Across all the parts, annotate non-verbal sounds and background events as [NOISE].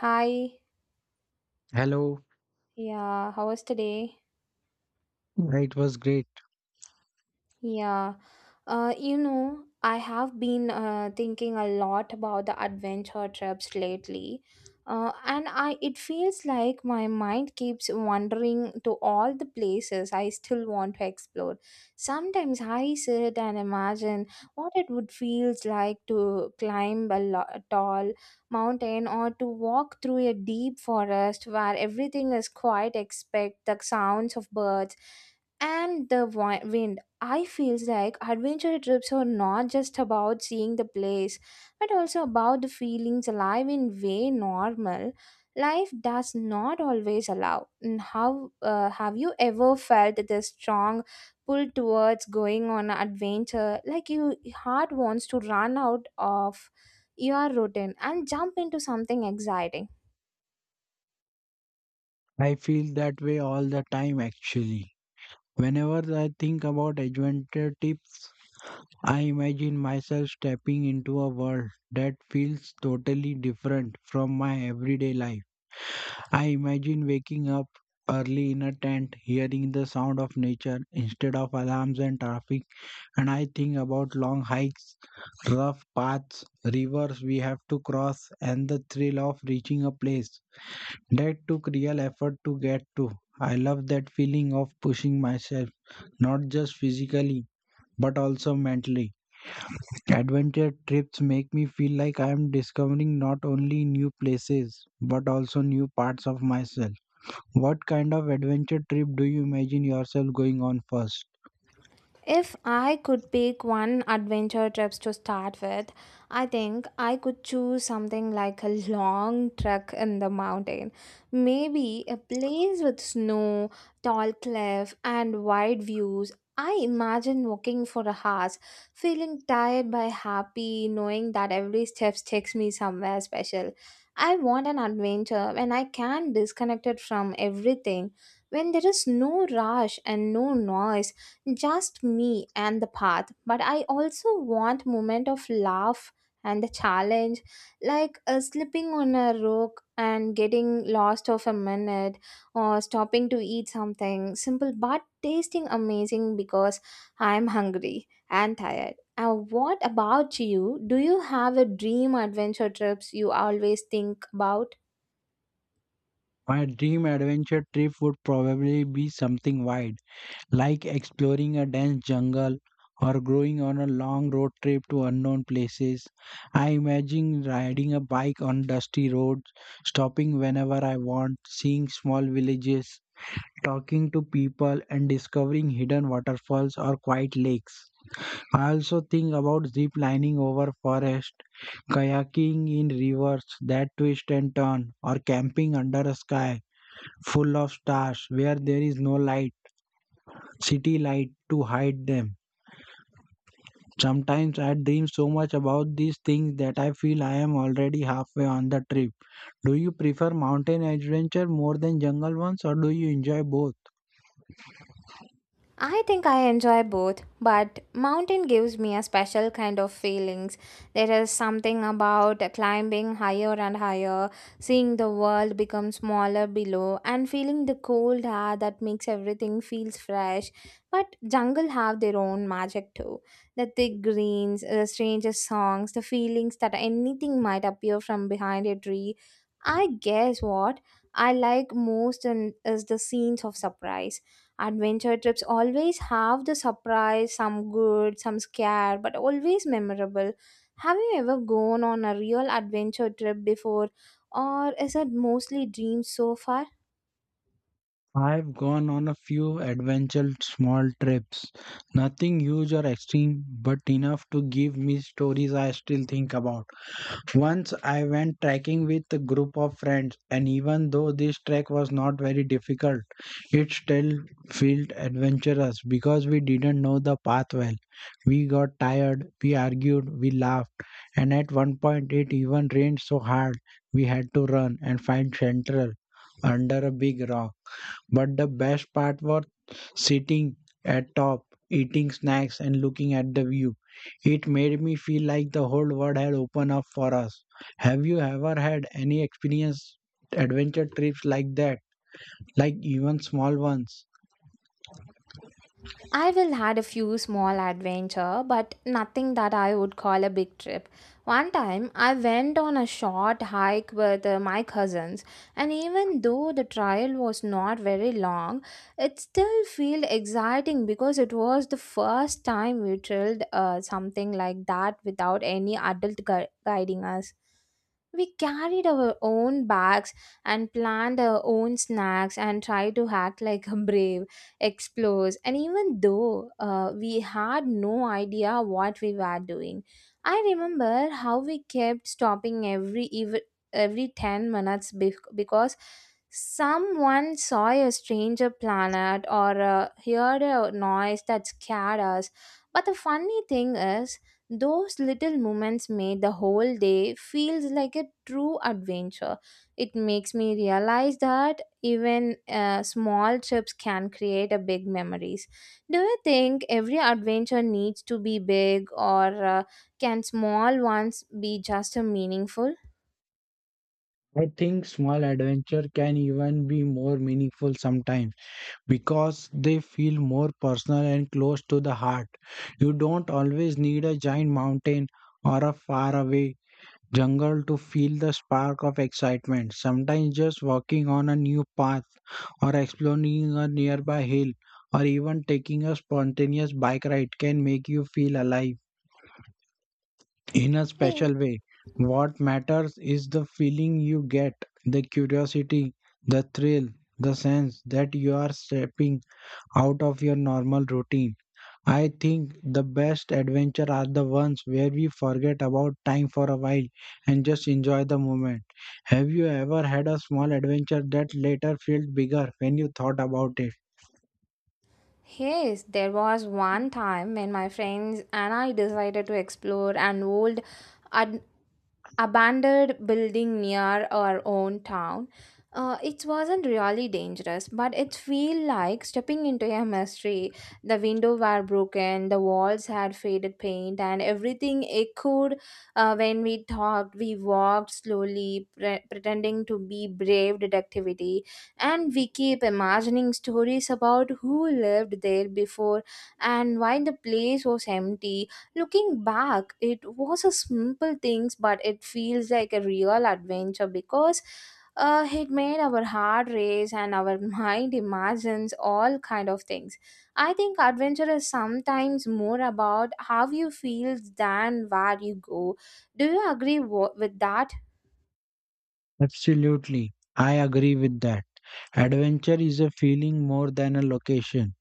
Hi, Hello. yeah, how was today? Yeah, it was great. Yeah, I have been thinking a lot about the adventure trips lately, and I it feels like my mind keeps wandering to all the places I still want to explore. Sometimes I sit and imagine what it would feel like to climb a tall mountain, or to walk through a deep forest where everything is quiet except the sounds of birds and the wind. I feels like adventure trips are not just about seeing the place, but also about the feelings alive in way normal life does not always allow. And how, have you ever felt the strong pull towards going on an adventure, like your heart wants to run out of your routine and jump into something exciting? I feel that way all the time actually. Whenever I think about adventure tips, I imagine myself stepping into a world that feels totally different from my everyday life. I imagine waking up early in a tent, hearing the sound of nature instead of alarms and traffic, and I think about long hikes, rough paths, rivers we have to cross, and the thrill of reaching a place that took real effort to get to. I love that feeling of pushing myself, not just physically, but also mentally. Adventure trips make me feel like I am discovering not only new places, but also new parts of myself. What kind of adventure trip do you imagine yourself going on first? If I could pick one adventure trips to start with, I think I could choose something like a long trek in the mountain. Maybe a place with snow, tall cliff, and wide views. I imagine walking for a hours, feeling tired but happy, knowing that every step takes me somewhere special. I want an adventure when I can disconnect it from everything, when there is no rush and no noise, just me and the path. But I also want moment of laugh and the challenge, like slipping on a rock and getting lost of a minute, or stopping to eat something simple but tasting amazing because I'm hungry and tired. And what about you, do you have a dream adventure trips you always think about? My dream adventure trip would probably be something wide, like exploring a dense jungle or going on a long road trip to unknown places. I imagine riding a bike on dusty roads, stopping whenever I want, seeing small villages, talking to people, and discovering hidden waterfalls or quiet lakes. I also think about zip lining over forest, kayaking in rivers that twist and turn, or camping under a sky full of stars where there is no light, city light to hide them. Sometimes I dream so much about these things that I feel I am already halfway on the trip. Do you prefer mountain adventure more than jungle ones, or do you enjoy both? I think I enjoy both, but mountain gives me a special kind of feelings. There is something about climbing higher and higher, seeing the world become smaller below, and feeling the cold air that makes everything feels fresh. But jungle have their own magic too. The thick greens, the strangest songs, the feelings that anything might appear from behind a tree. I guess what I like most in, is the scenes of surprise. Adventure trips always have the surprise, some good, some scare, but always memorable. Have you ever gone on a real adventure trip before, or is it mostly dreams so far? I've gone on a few adventure small trips. Nothing huge or extreme, but enough to give me stories I still think about. Once I went trekking with a group of friends, and even though this trek was not very difficult, it still felt adventurous because we didn't know the path well. We got tired, we argued, we laughed, and at one point it even rained so hard we had to run and find shelter under a big rock. But the best part was sitting at top, eating snacks and looking at the view. It made me feel like the whole world had opened up for us. Have you ever had any experience adventure trips like that? Like even small ones? I will had a few small adventure, but nothing that I would call a big trip. One time I went on a short hike with my cousins, and even though the trail was not very long, it still felt exciting because it was the first time we trailed something like that without any adult guiding us. We carried our own bags and planned our own snacks and tried to act like a brave explores, and even though we had no idea what we were doing. I remember how we kept stopping every every 10 minutes because someone saw a stranger planet or heard a noise that scared us. But the funny thing is, those little moments made the whole day feels like a true adventure. It makes me realize that even small trips can create a big memories. Do you think every adventure needs to be big, or can small ones be just as meaningful? I think small adventure can even be more meaningful sometimes because they feel more personal and close to the heart. You don't always need a giant mountain or a faraway jungle to feel the spark of excitement. Sometimes just walking on a new path or exploring a nearby hill or even taking a spontaneous bike ride can make you feel alive in a Hey. special way. What matters is the feeling you get, the curiosity, the thrill, the sense that you are stepping out of your normal routine. I think the best adventure are the ones where we forget about time for a while and just enjoy the moment. Have you ever had a small adventure that later felt bigger when you thought about it? Yes, there was one time when my friends and I decided to explore an old ad- abandoned building near our own town. It wasn't really dangerous, but it felt like stepping into a mystery. The windows were broken, the walls had faded paint, and everything echoed when we talked. We walked slowly, pretending to be brave detectivity, and we keep imagining stories about who lived there before and why the place was empty. Looking back, it was a simple things, but it feels like a real adventure because it made our heart race and our [LAUGHS] mind imagines all kind of things. I think adventure is sometimes more about how you feel than where you go. Do you agree with that? Absolutely. I agree with that. Adventure is a feeling more than a location.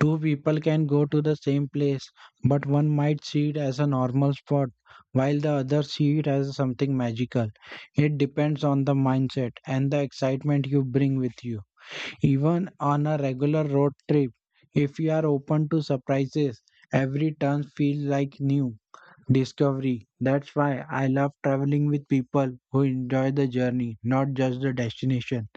Two people can go to the same place, but one might see it as a normal spot while the other see it as something magical. It depends on the mindset and the excitement you bring with you. Even on a regular road trip, if you are open to surprises, every turn feels like new discovery. That's why I love traveling with people who enjoy the journey, not just the destination.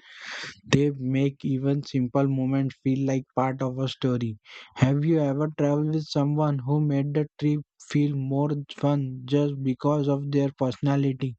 They make even simple moments feel like part of a story. Have you ever traveled with someone who made the trip feel more fun just because of their personality?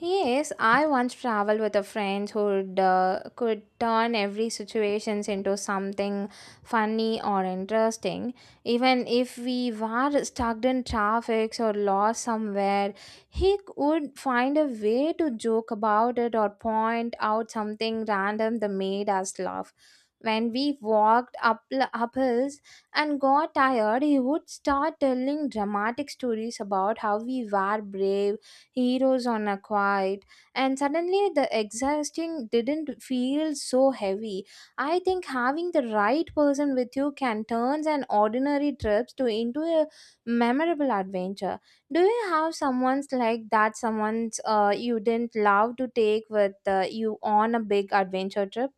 Yes, I once traveled with a friend who could turn every situations into something funny or interesting. Even if we were stuck in traffic or lost somewhere, he would find a way to joke about it or point out something random that made us laugh. When we walked up hills and got tired, he would start telling dramatic stories about how we were brave heroes on a quiet, and suddenly the exhausting didn't feel so heavy. I think having the right person with you can turn an ordinary trip to into a memorable adventure. Do you have someone's like that, someone's you didn't love to take with you on a big adventure trip?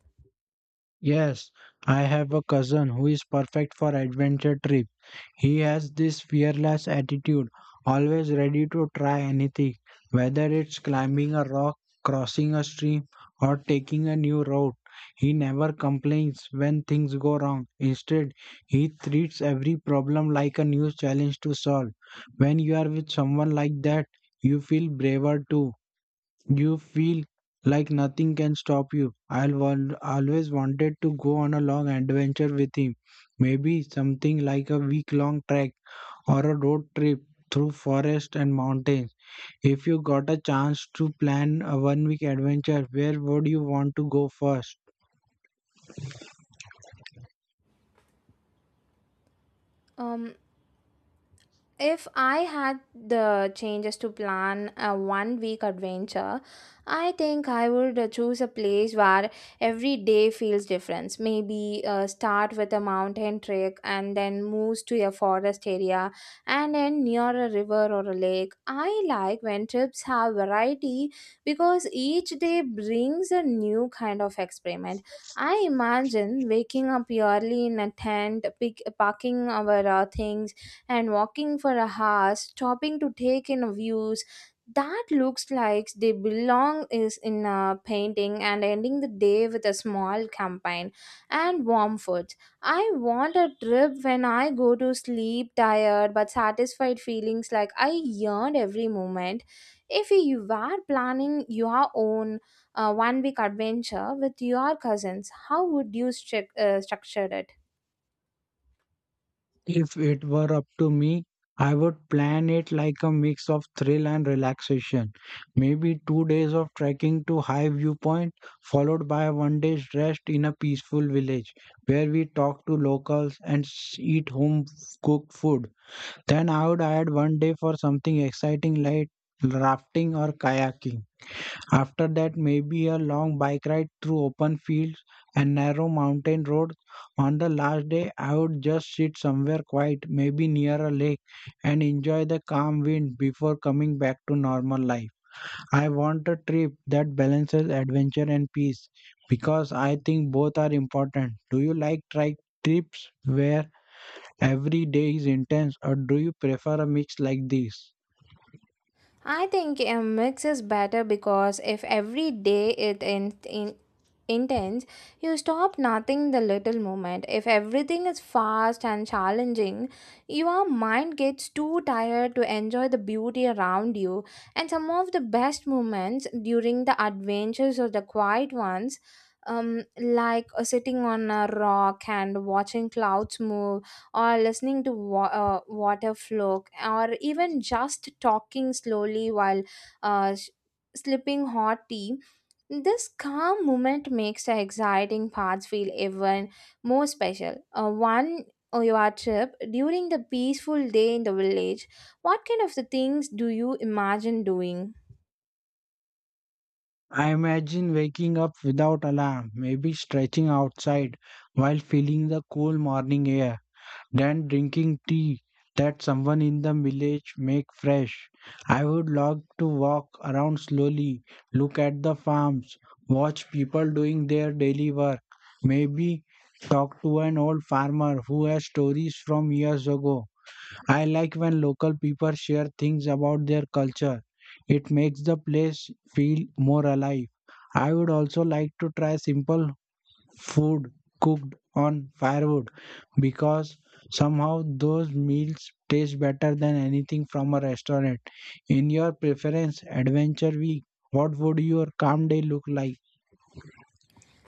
Yes, I have a cousin who is perfect for adventure trips. He has this fearless attitude, always ready to try anything, whether it's climbing a rock, crossing a stream, or taking a new route. He never complains when things go wrong. Instead, he treats every problem like a new challenge to solve. When you are with someone like that, you feel braver too. You feel like nothing can stop you. I'll always wanted to go on a long adventure with him. Maybe something like a week long trek or a road trip through forest and mountains. If you got a chance to plan a one week adventure, where would you want to go first? um If I had the changes to plan a 1 week adventure, I think I would choose a place where every day feels different. Maybe start with a mountain trek and then moves to a forest area and then near a river or a lake. I like when trips have variety because each day brings a new kind of experiment. I imagine waking up early in a tent, pick, packing our things and walking for a hour, stopping to take in views that looks like they belong is in a painting, and ending the day with a small campaign and warm food. I want a trip when I go to sleep tired but satisfied feelings like I yearned every moment. If you were planning your own 1 week adventure with your cousins, how would you structure it? If it were up to me, I would plan it like a mix of thrill and relaxation. Maybe 2 days of trekking to high viewpoint, followed by one day's rest in a peaceful village where we talk to locals and eat home cooked food. Then I would add one day for something exciting like rafting or kayaking. After that, maybe a long bike ride through open fields and narrow mountain roads. On the last day, I would just sit somewhere quiet, maybe near a lake, and enjoy the calm wind before coming back to normal life. I want a trip that balances adventure and peace because I think both are important. Do you like trips where every day is intense, or do you prefer a mix like this? I think a mix is better because if every day in intense, you stop nothing the little moment. If everything is fast and challenging, your mind gets too tired to enjoy the beauty around you. And some of the best moments during the adventures or the quiet ones, like sitting on a rock and watching clouds move or listening to water flow or even just talking slowly while uh, s- slipping hot tea. This calm moment makes the exciting parts feel even more special. One or your trip during the peaceful day in the village, what kind of the things do you imagine doing? I imagine waking up without alarm, maybe stretching outside while feeling the cool morning air, then drinking tea that someone in the village make fresh. I would love to walk around slowly, look at the farms, watch people doing their daily work, maybe talk to an old farmer who has stories from years ago. I like when local people share things about their culture. It makes the place feel more alive. I would also like to try simple food cooked on firewood because somehow those meals taste better than anything from a restaurant. In your preference adventure week, what would your calm day look like?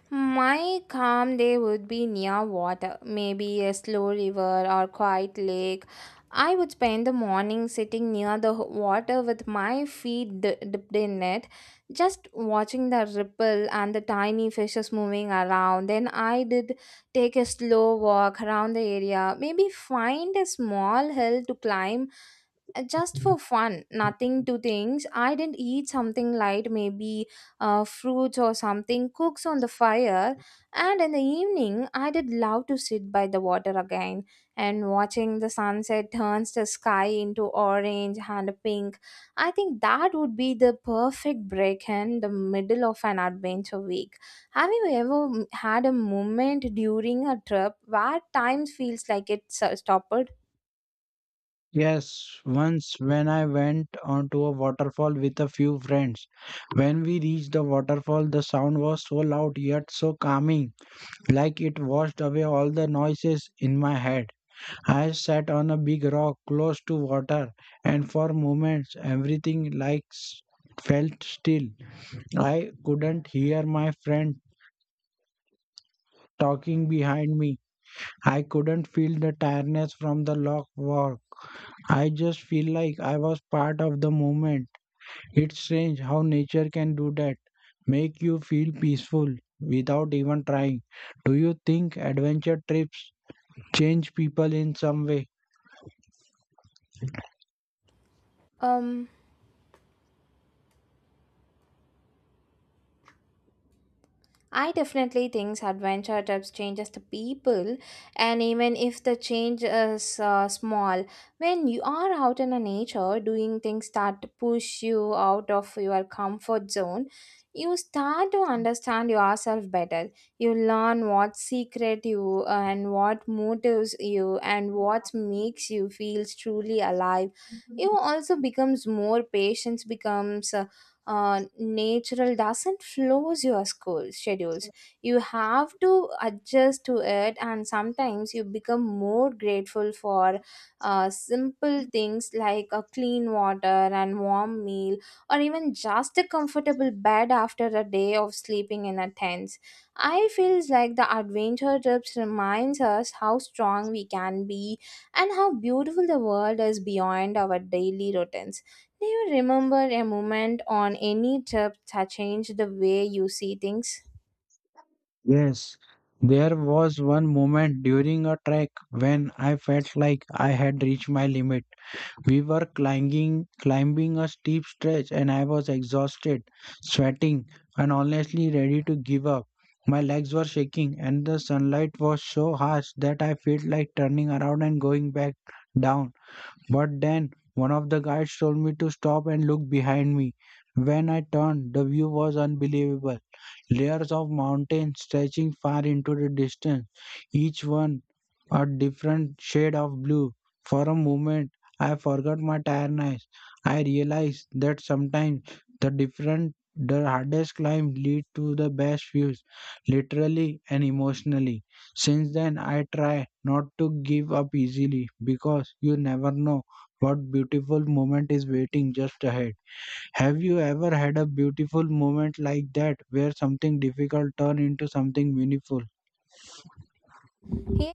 My calm day would be near water, maybe a slow river or quiet lake. I would spend the morning sitting near the water with my feet dipped in it, just watching the ripple and the tiny fishes moving around. Then I did take a slow walk around the area, maybe find a small hill to climb, just for fun, nothing to things. I didn't eat something light, maybe fruits or something cooks on the fire. And in the evening I did love to sit by the water again and watching the sunset turns the sky into orange and pink. I think that would be the perfect break in the middle of an adventure week. Have you ever had a moment during a trip where time feels like it stopped? Yes, once when I went onto a waterfall with a few friends. When we reached the waterfall, the sound was so loud yet so calming, like it washed away all the noises in my head. I sat on a big rock close to water, and for moments felt still. I couldn't hear my friend talking behind me. I couldn't feel the tiredness from the long walk. I just feel like I was part of the moment. It's strange how nature can do that, make you feel peaceful without even trying. Do you think adventure trips change people in some way? um I definitely think adventure trips changes the people, and even if the change is small, when you are out in the nature doing things that push you out of your comfort zone, you start to understand yourself better. You learn what secret you and what motives you and what makes you feel truly alive. You also becomes more patience becomes natural doesn't flows your school schedules. You have to adjust to it, and sometimes you become more grateful for simple things like a clean water and warm meal, or even just a comfortable bed after a day of sleeping in a tent. I feels like the adventure trips reminds us how strong we can be and how beautiful the world is beyond our daily routines. Do you remember a moment on any trip that changed the way you see things? Yes. There was one moment during a trek when I felt like I had reached my limit. We were climbing a steep stretch and I was exhausted, sweating, and honestly ready to give up. My legs were shaking and the sunlight was so harsh that I felt like turning around and going back down, but then one of the guides told me to stop and look behind me. When I turned, the view was unbelievable. Layers of mountains stretching far into the distance, each one a different shade of blue. For a moment, I forgot my tiredness. I realized that sometimes the different the hardest climb lead to the best views, literally and emotionally. Since then, I try not to give up easily because you never know what beautiful moment is waiting just ahead. Have you ever had a beautiful moment like that, where something difficult turned into something meaningful? Here.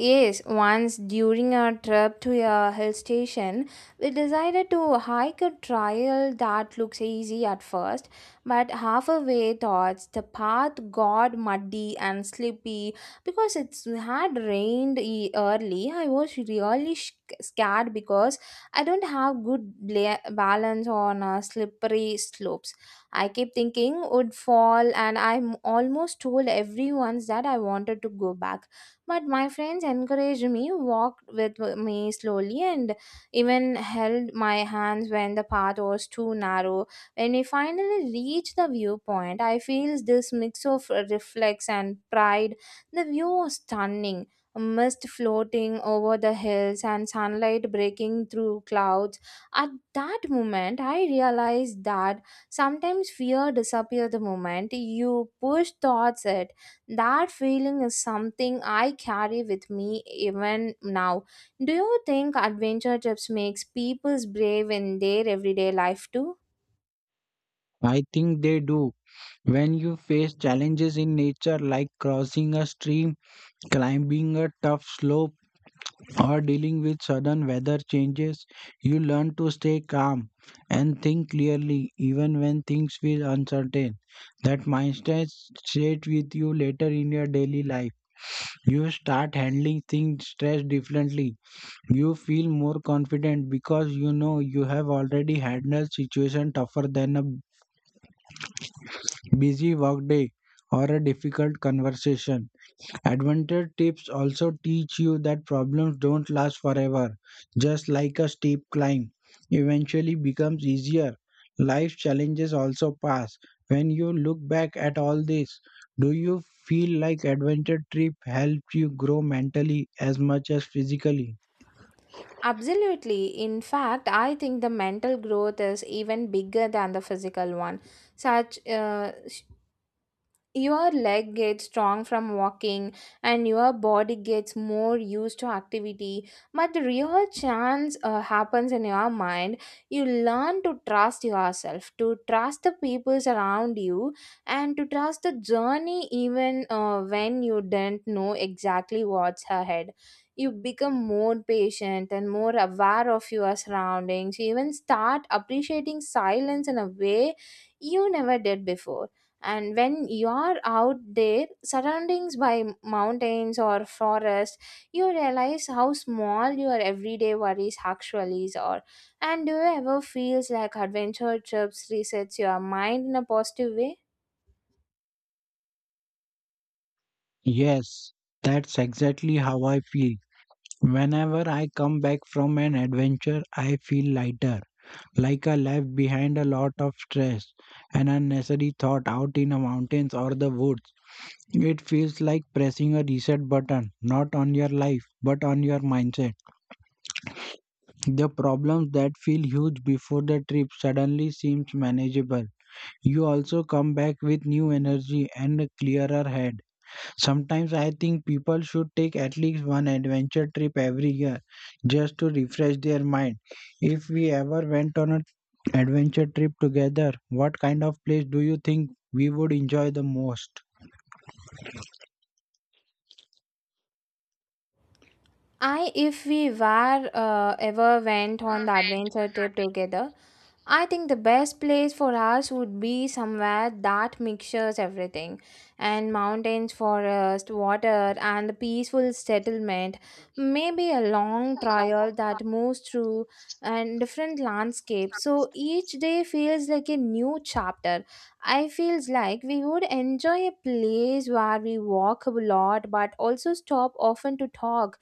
Yes, once during our trip to a hill station, we decided to hike a trail that looks easy at first, but halfway towards the path got muddy and slippery because it had rained early. I was really scared because I don't have good balance on slippery slopes. I kept thinking would fall, and I almost told everyone that I wanted to go back, but my friends encouraged me, walked with me slowly, and even held my hands when the path was too narrow. When we finally reached the viewpoint, I feel this mix of reflex and pride. The view was stunning, a mist floating over the hills and sunlight breaking through clouds. At that moment, I realized that sometimes fear disappears the moment you push thoughts. That feeling is something I carry with me even now. Do you think adventure trips makes people brave in their everyday life too? I think they do. When you face challenges in nature like crossing a stream, climbing a tough slope, or dealing with sudden weather changes, you learn to stay calm and think clearly even when things feel uncertain. That mindset stays with you later in your daily life. You start handling things stress differently. You feel more confident because you know you have already handled situation tougher than a busy workday or a difficult conversation. Adventure tips also teach you that problems don't last forever. Just like a steep climb eventually becomes easier, life challenges also pass. When you look back at all this, do you feel like adventure trip helped you grow mentally as much as physically? Absolutely. In fact, I think the mental growth is even bigger than the physical one. Such your leg gets strong from walking and your body gets more used to activity, but the real chance happens in your mind. You learn to trust yourself, to trust the people around you, and to trust the journey even when you do not know exactly what's ahead. You become more patient and more aware of your surroundings. You even start appreciating silence in a way you never did before. And when you are out there surroundings by mountains or forest, you realize how small your everyday worries actually are. And do you ever feels like adventure trips resets your mind in a positive way? Yes, that's exactly how I feel. Whenever I come back from an adventure, I feel lighter, like I left behind a lot of stress and unnecessary thought out in the mountains or the woods. It feels like pressing a reset button, not on your life, but on your mindset. The problems that feel huge before the trip suddenly seems manageable. You also come back with new energy and a clearer head. Sometimes I think people should take at least one adventure trip every year just to refresh their mind. If we ever went on an adventure trip together, what kind of place do you think we would enjoy the most? If we were ever went on the adventure trip together, I think the best place for us would be somewhere that mixtures everything and mountains, forest, water, and the peaceful settlement. Maybe a long trail that moves through and different landscapes, so each day feels like a new chapter. I feels like we would enjoy a place where we walk a lot but also stop often to talk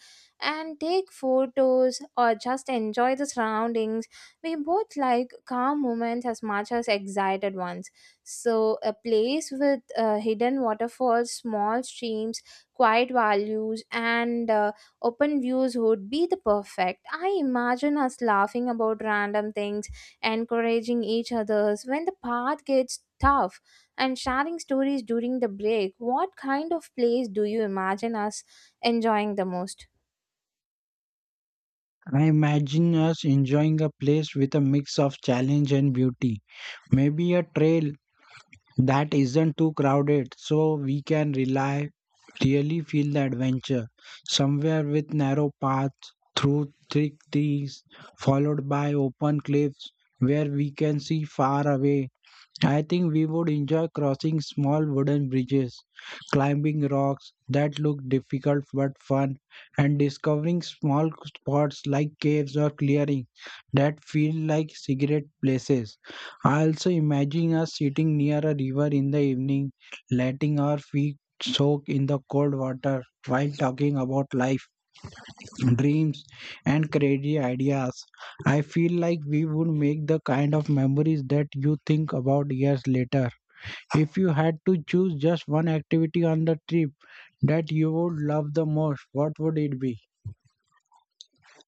and take photos or just enjoy the surroundings. We both like calm moments as much as excited ones. So, a place with hidden waterfalls, small streams, quiet values, and open views would be the perfect. I imagine us laughing about random things, encouraging each others when the path gets tough, and sharing stories during the break. What kind of place do you imagine us enjoying the most? I imagine us enjoying a place with a mix of challenge and beauty. Maybe a trail that isn't too crowded so we can rely really feel the adventure. Somewhere with narrow paths through thick trees, followed by open cliffs where we can see far away. I think we would enjoy crossing small wooden bridges, climbing rocks that look difficult but fun, and discovering small spots like caves or clearings that feel like secret places. I also imagine us sitting near a river in the evening, letting our feet soak in the cold water while talking about life, dreams, and crazy ideas. I feel like we would make the kind of memories that you think about years later. If you had to choose just one activity on the trip that you would love the most, what would it be?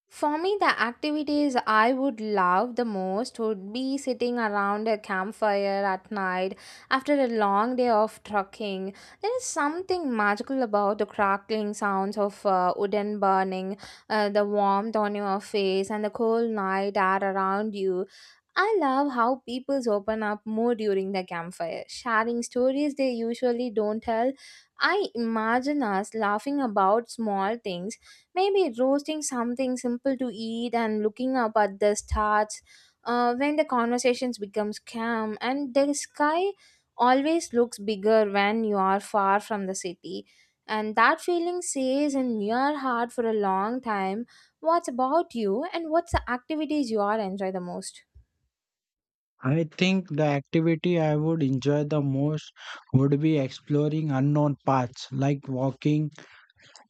For me, the activities I would love the most would be sitting around a campfire at night after a long day of trekking. There is something magical about the crackling sounds of wooden burning, the warmth on your face, and the cold night air around you. I love how people open up more during the campfire, sharing stories they usually don't tell. I imagine us laughing about small things, maybe roasting something simple to eat and looking up at the stars when the conversations becomes calm. And the sky always looks bigger when you are far from the city, and that feeling stays in your heart for a long time. What's about you, and what's the activities you are enjoy the most? I think the activity I would enjoy the most would be exploring unknown paths, like walking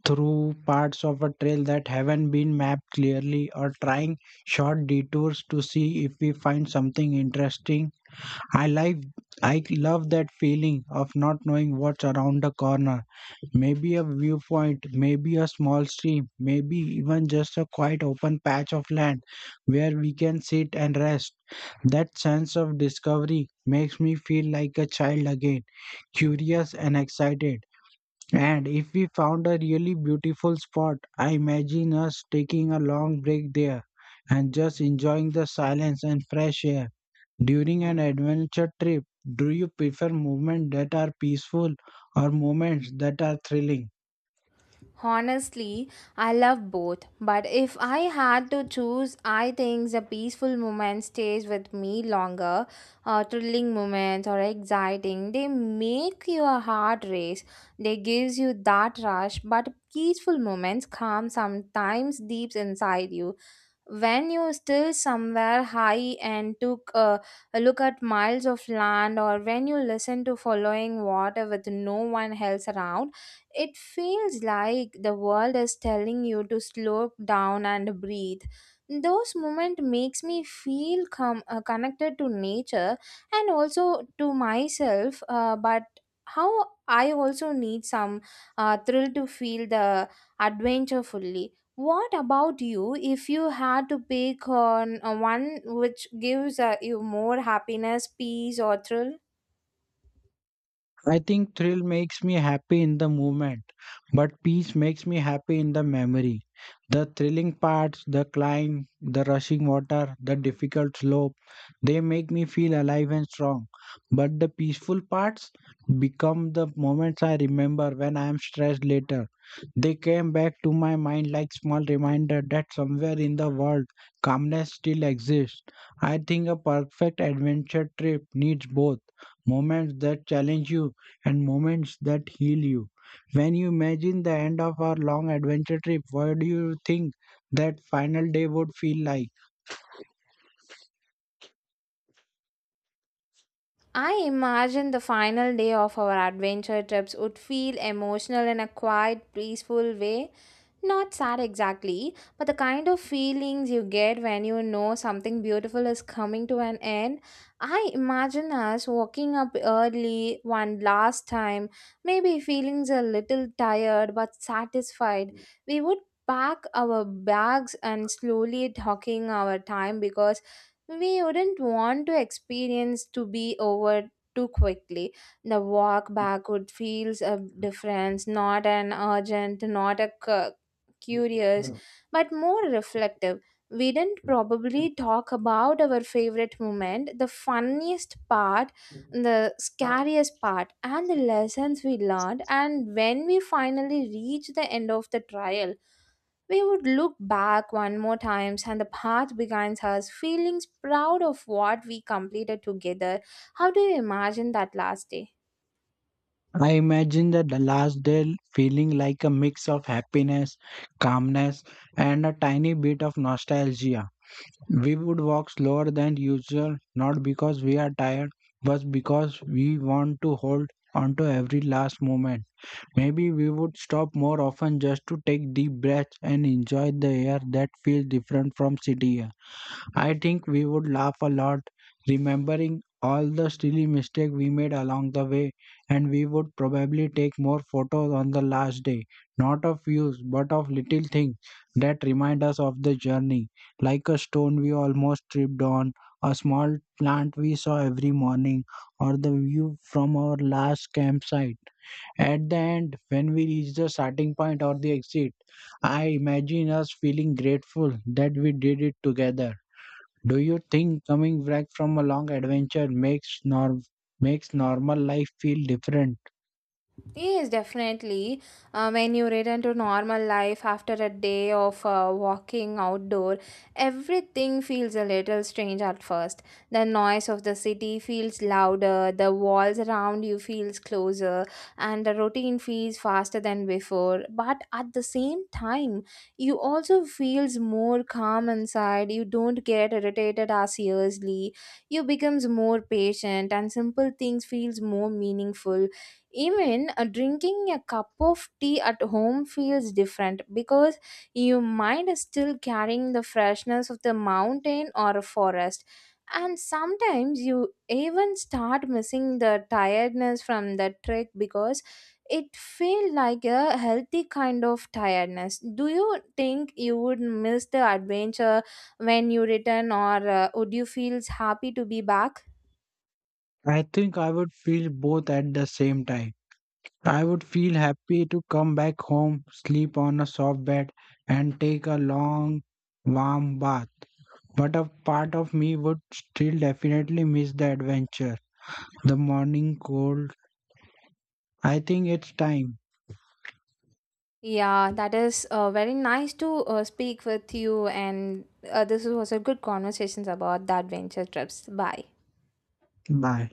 through parts of a trail that haven't been mapped clearly, or trying short detours to see if we find something interesting. I like I love that feeling of not knowing what's around the corner. Maybe a viewpoint, maybe a small stream, maybe even just a quiet open patch of land where we can sit and rest. That sense of discovery makes me feel like a child again, curious and excited. And if we found a really beautiful spot, I imagine us taking a long break there and just enjoying the silence and fresh air. During an adventure trip, do you prefer moments that are peaceful or moments that are thrilling? Honestly, I love both, but if I had to choose, I think the peaceful moment stays with me longer. Thrilling moments or exciting, they make your heart race. They gives you that rush, but peaceful moments calm sometimes deep inside you when you still somewhere high and took a look at miles of land, or when you listen to following water with no one else around. It feels like the world is telling you to slow down and breathe. Those moments makes me feel connected to nature and also to myself, but how I also need some thrill to feel the adventure fully. What about you? If you had to pick on one which gives you more happiness, peace, or thrill? I think thrill makes me happy in the moment, but peace makes me happy in the memory. The thrilling parts, the climb, the rushing water, the difficult slope, they make me feel alive and strong. But the peaceful parts become the moments I remember when I am stressed later. They came back to my mind like small reminder that somewhere in the world calmness still exists. I think a perfect adventure trip needs both moments that challenge you and moments that heal you. When you imagine the end of our long adventure trip, what do you think that final day would feel like? I imagine the final day of our adventure trips would feel emotional in a quiet, peaceful way. Not sad exactly, but the kind of feelings you get when you know something beautiful is coming to an end. I imagine us waking up early one last time, maybe feeling a little tired but satisfied. We would pack our bags and slowly talking our time because we wouldn't want to experience to be over too quickly. The walk back would feels a difference, not an urgent, not a curious, but more reflective. We didn't probably talk about our favorite moment, the funniest part, the scariest part, and the lessons we learned. And when we finally reached the end of the trial, we would look back one more times and the path begins us feelings proud of what we completed together. How do you imagine that last day? I imagine that the last day feeling like a mix of happiness, calmness, and a tiny bit of nostalgia. We would walk slower than usual, not because we are tired, but because we want to hold onto every last moment. Maybe we would stop more often just to take deep breaths and enjoy the air that feels different from city air. I think we would laugh a lot, remembering all the silly mistakes we made along the way, and we would probably take more photos on the last day, not of views, but of little things that remind us of the journey, like a stone we almost tripped on, a small plant we saw every morning, or the view from our last campsite. At the end, when we reach the starting point or the exit, I imagine us feeling grateful that we did it together. Do you think coming back from a long adventure makes norm makes normal life feel different? Yes, definitely. When you return to normal life after a day of walking outdoor, everything feels a little strange at first. The noise of the city feels louder, the walls around you feels closer, and the routine feels faster than before. But at the same time, you also feels more calm inside. You don't get irritated as easily. You becomes more patient, and simple things feels more meaningful. Even drinking a cup of tea at home feels different because your mind is still carrying the freshness of the mountain or a forest. And sometimes you even start missing the tiredness from the trek because it feels like a healthy kind of tiredness. Do you think you would miss the adventure when you return, or would you feel happy to be back? I think I would feel both at the same time. I would feel happy to come back home, sleep on a soft bed, and take a long, warm bath. But a part of me would still definitely miss the adventure, the morning cold, I think it's time. Yeah, that is very nice to speak with you, and this was a good conversations about the adventure trips. Bye. Bye.